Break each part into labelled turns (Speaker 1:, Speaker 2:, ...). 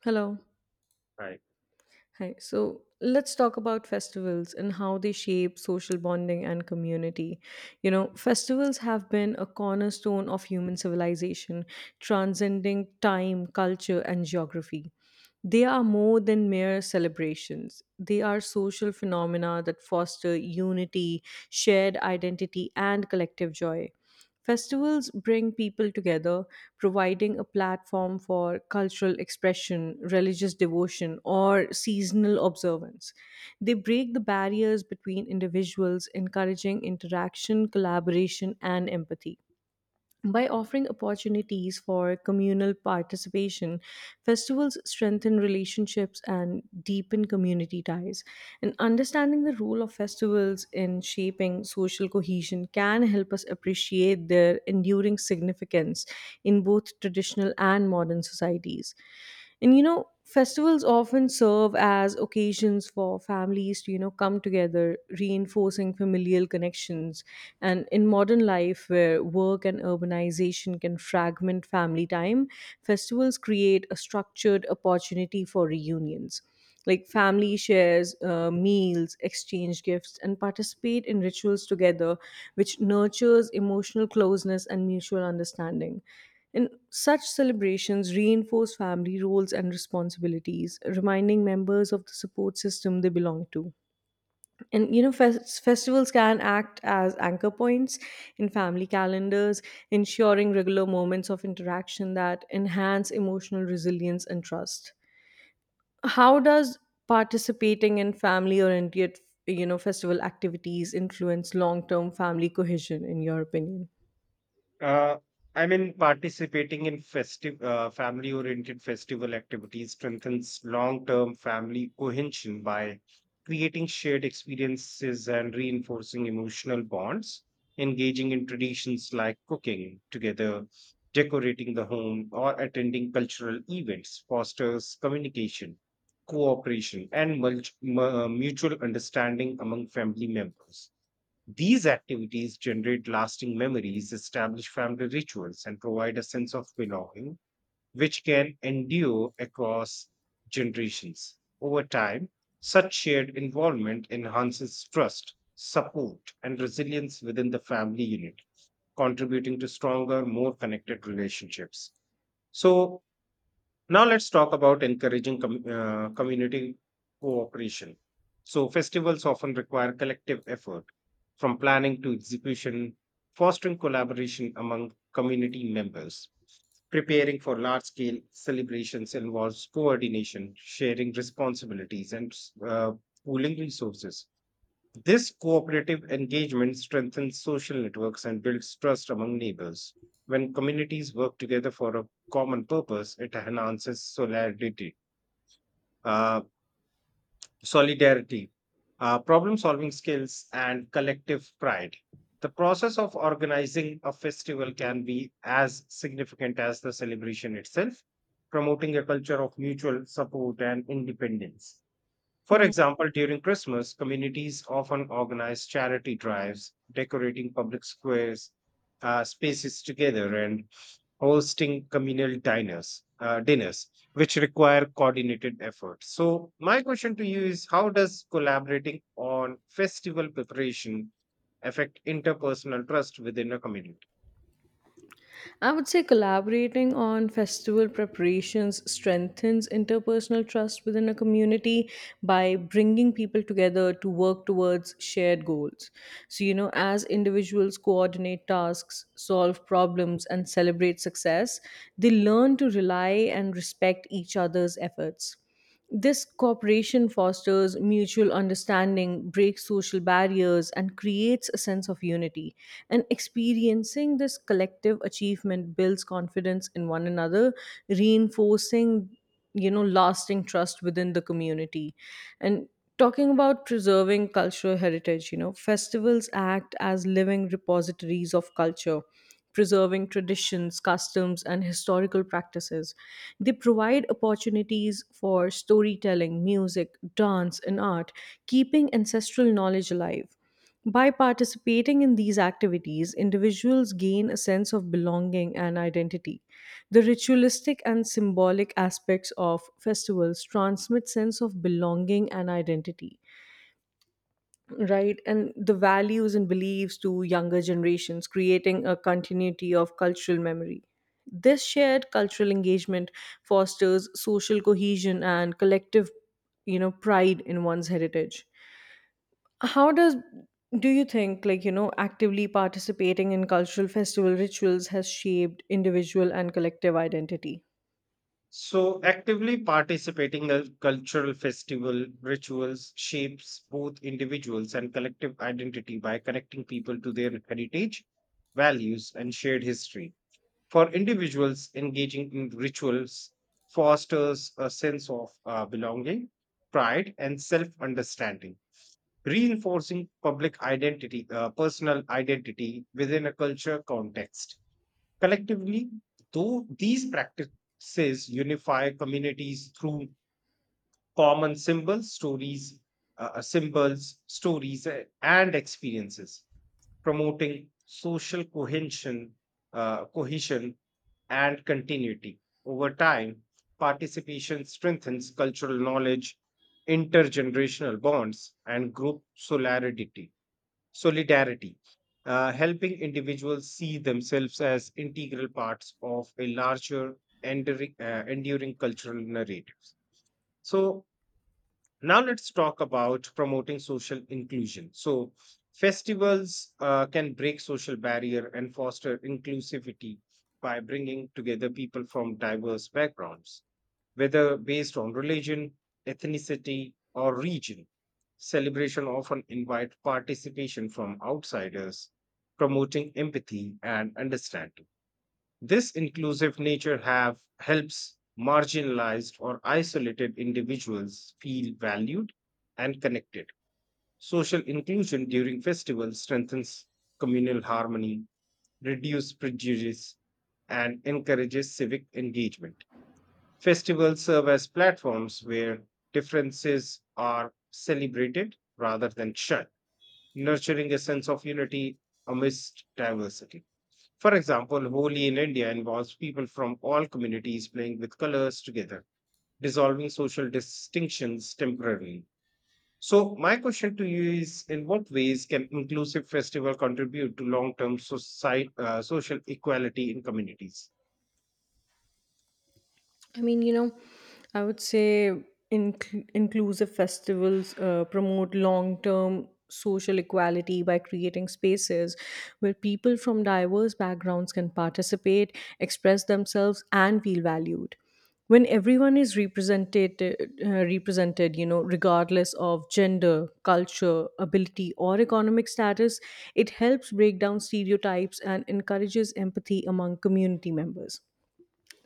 Speaker 1: Hello.
Speaker 2: Right.
Speaker 1: Hi. So let's talk about festivals and how they shape social bonding and community. You know, festivals have been a cornerstone of human civilization, transcending time, culture, and geography. They are more than mere celebrations. They are social phenomena that foster unity, shared identity, and collective joy. Festivals bring people together, providing a platform for cultural expression, religious devotion, or seasonal observance. They break the barriers between individuals, encouraging interaction, collaboration, and empathy. By offering opportunities for communal participation, festivals strengthen relationships and deepen community ties. And understanding the role of festivals in shaping social cohesion can help us appreciate their enduring significance in both traditional and modern societies. And you know, festivals often serve as occasions for families to, you know, come together, reinforcing familial connections. And in modern life, where work and urbanization can fragment family time, festivals create a structured opportunity for reunions. Like family shares meals, exchange gifts, and participate in rituals together, which nurtures emotional closeness and mutual understanding. And such celebrations reinforce family roles and responsibilities, reminding members of the support system they belong to. And you know, festivals can act as anchor points in family calendars, ensuring regular moments of interaction that enhance emotional resilience and trust. How does participating in family-oriented, you know, festival activities influence long-term family cohesion, in your opinion?
Speaker 2: Uh, Participating in festive, family-oriented festival activities strengthens long-term family cohesion by creating shared experiences and reinforcing emotional bonds, engaging in traditions like cooking together, decorating the home, or attending cultural events fosters communication, cooperation, and mutual understanding among family members. These activities generate lasting memories, establish family rituals, and provide a sense of belonging, which can endure across generations. Over time, such shared involvement enhances trust, support, and resilience within the family unit, contributing to stronger, more connected relationships. So, now let's talk about encouraging community cooperation. So festivals often require collective effort from planning to execution, fostering collaboration among community members. Preparing for large scale celebrations involves coordination, sharing responsibilities, and uh, pooling resources. This cooperative engagement strengthens social networks and builds trust among neighbors. When communities work together for a common purpose, it enhances solidarity, uh, solidarity, problem-solving skills, and collective pride. The process of organizing a festival can be as significant as the celebration itself, promoting a culture of mutual support and independence. For example, during Christmas, communities often organize charity drives, decorating public squares, spaces together, and hosting communal dinners, which require coordinated effort. So, my question to you is, how does collaborating on festival preparation affect interpersonal trust within a community?
Speaker 1: I would say collaborating on festival preparations strengthens interpersonal trust within a community by bringing people together to work towards shared goals. So, you know, as individuals coordinate tasks, solve problems, and celebrate success, they learn to rely and respect each other's efforts. This cooperation fosters mutual understanding, breaks social barriers, and creates a sense of unity. And experiencing this collective achievement builds confidence in one another, reinforcing, you know, lasting trust within the community. And talking about preserving cultural heritage, you know, festivals act as living repositories of culture. Preserving traditions, customs, and historical practices. They provide opportunities for storytelling, music, dance, and art, keeping ancestral knowledge alive. By participating in these activities, individuals gain a sense of belonging and identity. The ritualistic and symbolic aspects of festivals transmit sense of belonging and identity, right, and the values and beliefs to younger generations, creating a continuity of cultural memory. This shared cultural engagement fosters social cohesion and collective, you know, pride in one's heritage. How does, do you think, like, you know, actively participating in cultural festival rituals has shaped individual and collective identity?
Speaker 2: So, actively participating in cultural festival rituals shapes both individuals and collective identity by connecting people to their heritage, values, and shared history. For individuals, engaging in rituals fosters a sense of belonging, pride, and self understanding, reinforcing personal identity within a culture context. Collectively, though these practices unify communities through common symbols, stories, symbols, stories, and experiences, promoting social cohesion, cohesion and continuity. Over time, participation strengthens cultural knowledge, intergenerational bonds, and group solidarity. Solidarity, Helping individuals see themselves as integral parts of a larger, enduring cultural narrative. So, now let's talk about promoting social inclusion. So, festivals can break social barrier and foster inclusivity by bringing together people from diverse backgrounds whether based on religion, ethnicity, or region. Celebration often invite participation from outsiders, promoting empathy and understanding. This inclusive nature have helps marginalized or isolated individuals feel valued and connected. Social inclusion during festivals strengthens communal harmony, reduces prejudice, and encourages civic engagement. Festivals serve as platforms where differences are celebrated rather than shunned, nurturing a sense of unity amidst diversity. For example, Holi in India involves people from all communities playing with colors together, dissolving social distinctions temporarily. So, my question to you is, in what ways can inclusive festival contribute to long term social equality in communities?
Speaker 1: I mean, you know, I would say inclusive festivals promote long term social equality by creating spaces where people from diverse backgrounds can participate, express themselves, and feel valued. When everyone is represented, you know, regardless of gender, culture, ability, or economic status, it helps break down stereotypes and encourages empathy among community members.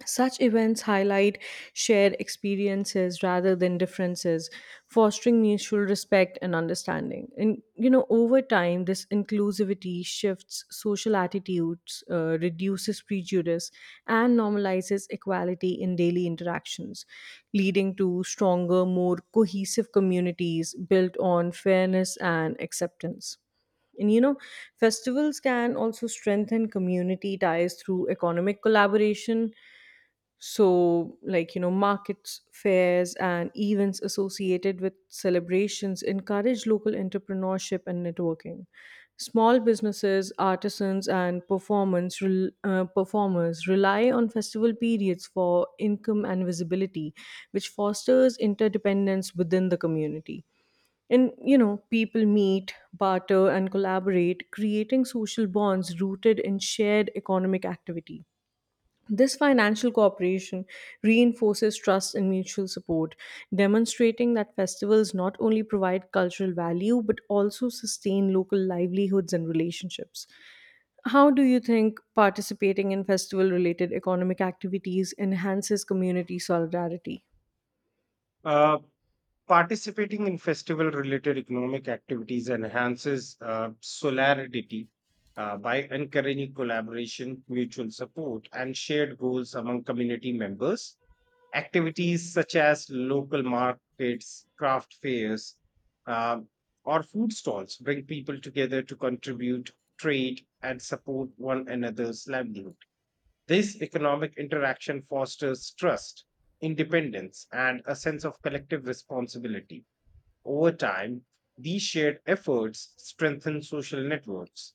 Speaker 1: Such events highlight shared experiences rather than differences, fostering mutual respect and understanding. And you know, over time, this inclusivity shifts social attitudes, reduces prejudice, and normalizes equality in daily interactions, leading to stronger, more cohesive communities built on fairness and acceptance. And you know, festivals can also strengthen community ties through economic collaboration, so, like, you know, markets, fairs, and events associated with celebrations encourage local entrepreneurship and networking. Small businesses, artisans, and performers rely on festival periods for income and visibility, which fosters interdependence within the community. And you know, people meet, barter, and collaborate, creating social bonds rooted in shared economic activity. This financial cooperation reinforces trust and mutual support, demonstrating that festivals not only provide cultural value but also sustain local livelihoods and relationships. How do you think participating in festival related economic activities enhances community solidarity?
Speaker 2: Uh, Participating in festival-related economic activities enhances solidarity by encouraging collaboration, mutual support, and shared goals among community members. Activities such as local markets, craft fairs, um, or food stalls bring people together to contribute, trade, and support one another's livelihood. This economic interaction fosters trust, independence, and a sense of collective responsibility. Over time, these shared efforts strengthen social networks,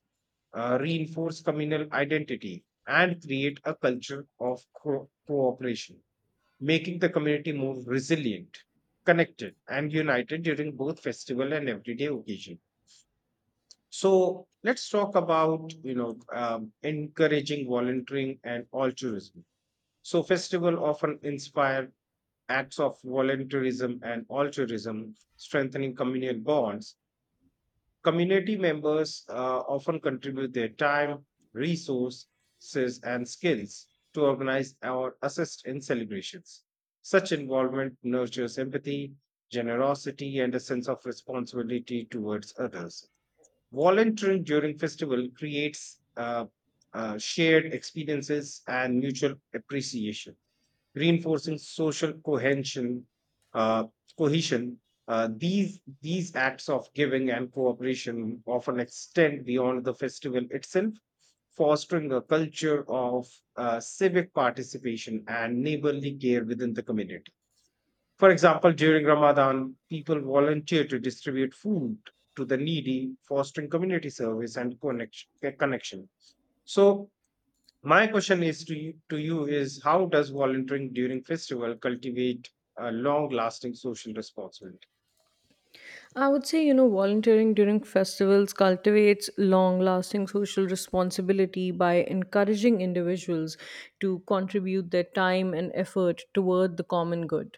Speaker 2: reinforce communal identity, and create a culture of cooperation making the community more resilient, connected, and united during both festival and everyday occasion. So let's talk about encouraging volunteering and altruism. So festival often inspire acts of volunteerism and altruism, strengthening communal bonds. Community members often contribute their time, resources, and skills to organize or assist in celebrations. Such involvement nurtures empathy, generosity, and a sense of responsibility towards others. Volunteering during festival creates shared experiences and mutual appreciation reinforcing social cohesion. Uh, cohesion. These acts of giving and cooperation often extend beyond the festival itself, fostering a culture of civic participation and neighborly care within the community. For example, during Ramadan, people volunteer to distribute food to the needy, fostering community service and connection. So, my question to you is, how does volunteering during festival cultivate a long-lasting social responsibility?
Speaker 1: I would say, you know, volunteering during festivals cultivates long lasting social responsibility by encouraging individuals to contribute their time and effort toward the common good.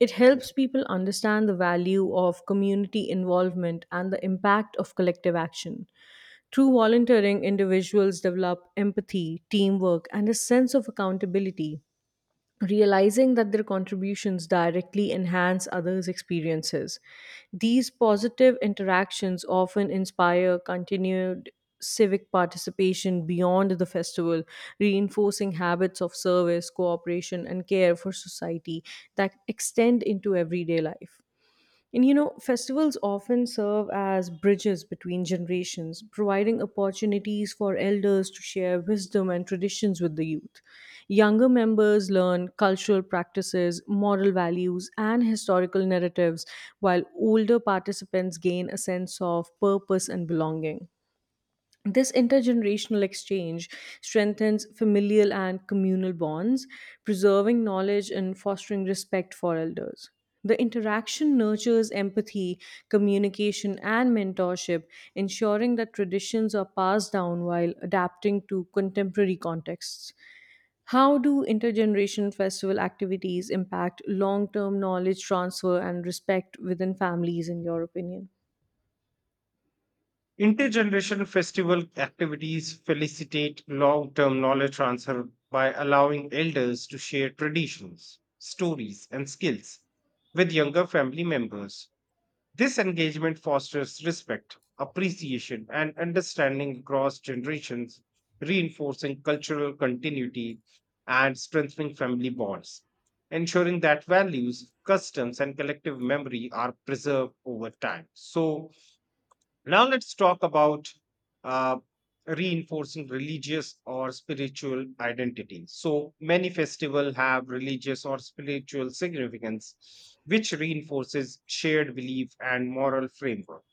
Speaker 1: It
Speaker 2: Mhm.
Speaker 1: helps people understand the value of community involvement and the impact of collective action. Through volunteering, individuals develop empathy, teamwork, and a sense of accountability, realizing that their contributions directly enhance others' experiences. These positive interactions often inspire continued civic participation beyond the festival, reinforcing habits of service, cooperation, and care for society that extend into everyday life. And you know, festivals often serve as bridges between generations, providing opportunities for elders to share wisdom and traditions with the youth. Younger members learn cultural practices, moral values, and historical narratives, while older participants gain a sense of purpose and belonging. This intergenerational exchange strengthens familial and communal bonds, preserving knowledge and fostering respect for elders. The interaction nurtures empathy, communication, and mentorship, ensuring that traditions are passed down while adapting to contemporary contexts. How do intergenerational festival activities impact long term knowledge transfer and respect within families, in your opinion?
Speaker 2: Intergenerational festival activities facilitate long term knowledge transfer by allowing elders to share traditions, stories, and skills with younger family members. This engagement fosters respect, appreciation, and understanding across generations, reinforcing cultural continuity and strengthening family bonds, ensuring that values, customs, and collective memory are preserved over time. So, now let's talk about uh, reinforcing religious or spiritual identity. So many festivals have religious or spiritual significance, which reinforces shared belief and moral framework.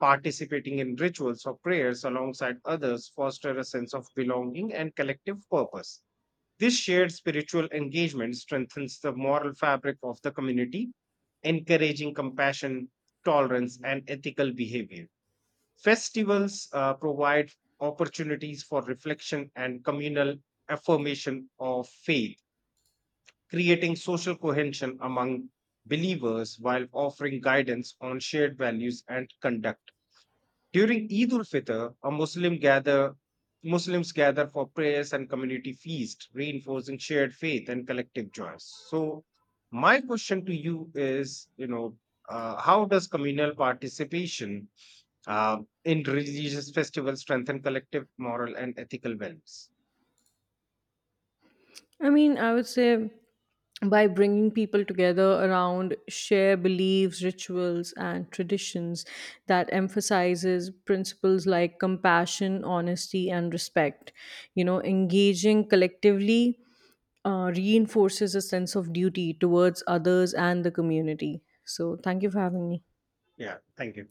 Speaker 2: Participating in rituals or prayers alongside others foster a sense of belonging and collective purpose. This shared spiritual engagement strengthens the moral fabric of the community, encouraging compassion, tolerance, and ethical behavior. Festivals provide opportunities for reflection and communal affirmation of faith, creating social cohesion among believers while offering guidance on shared values and conduct. During Eid ul Fitr, a Muslim gather Muslims gather for prayers and community feast, reinforcing shared faith and collective joys. So, my question to you is, how does communal participation in religious festivals, strengthen collective moral and ethical values.
Speaker 1: I mean, I would say by bringing people together around shared beliefs, rituals, and traditions that emphasizes principles like compassion, honesty, and respect. You know, engaging collectively reinforces a sense of duty towards others and the community. So, thank you for having me.
Speaker 2: Yeah, thank you.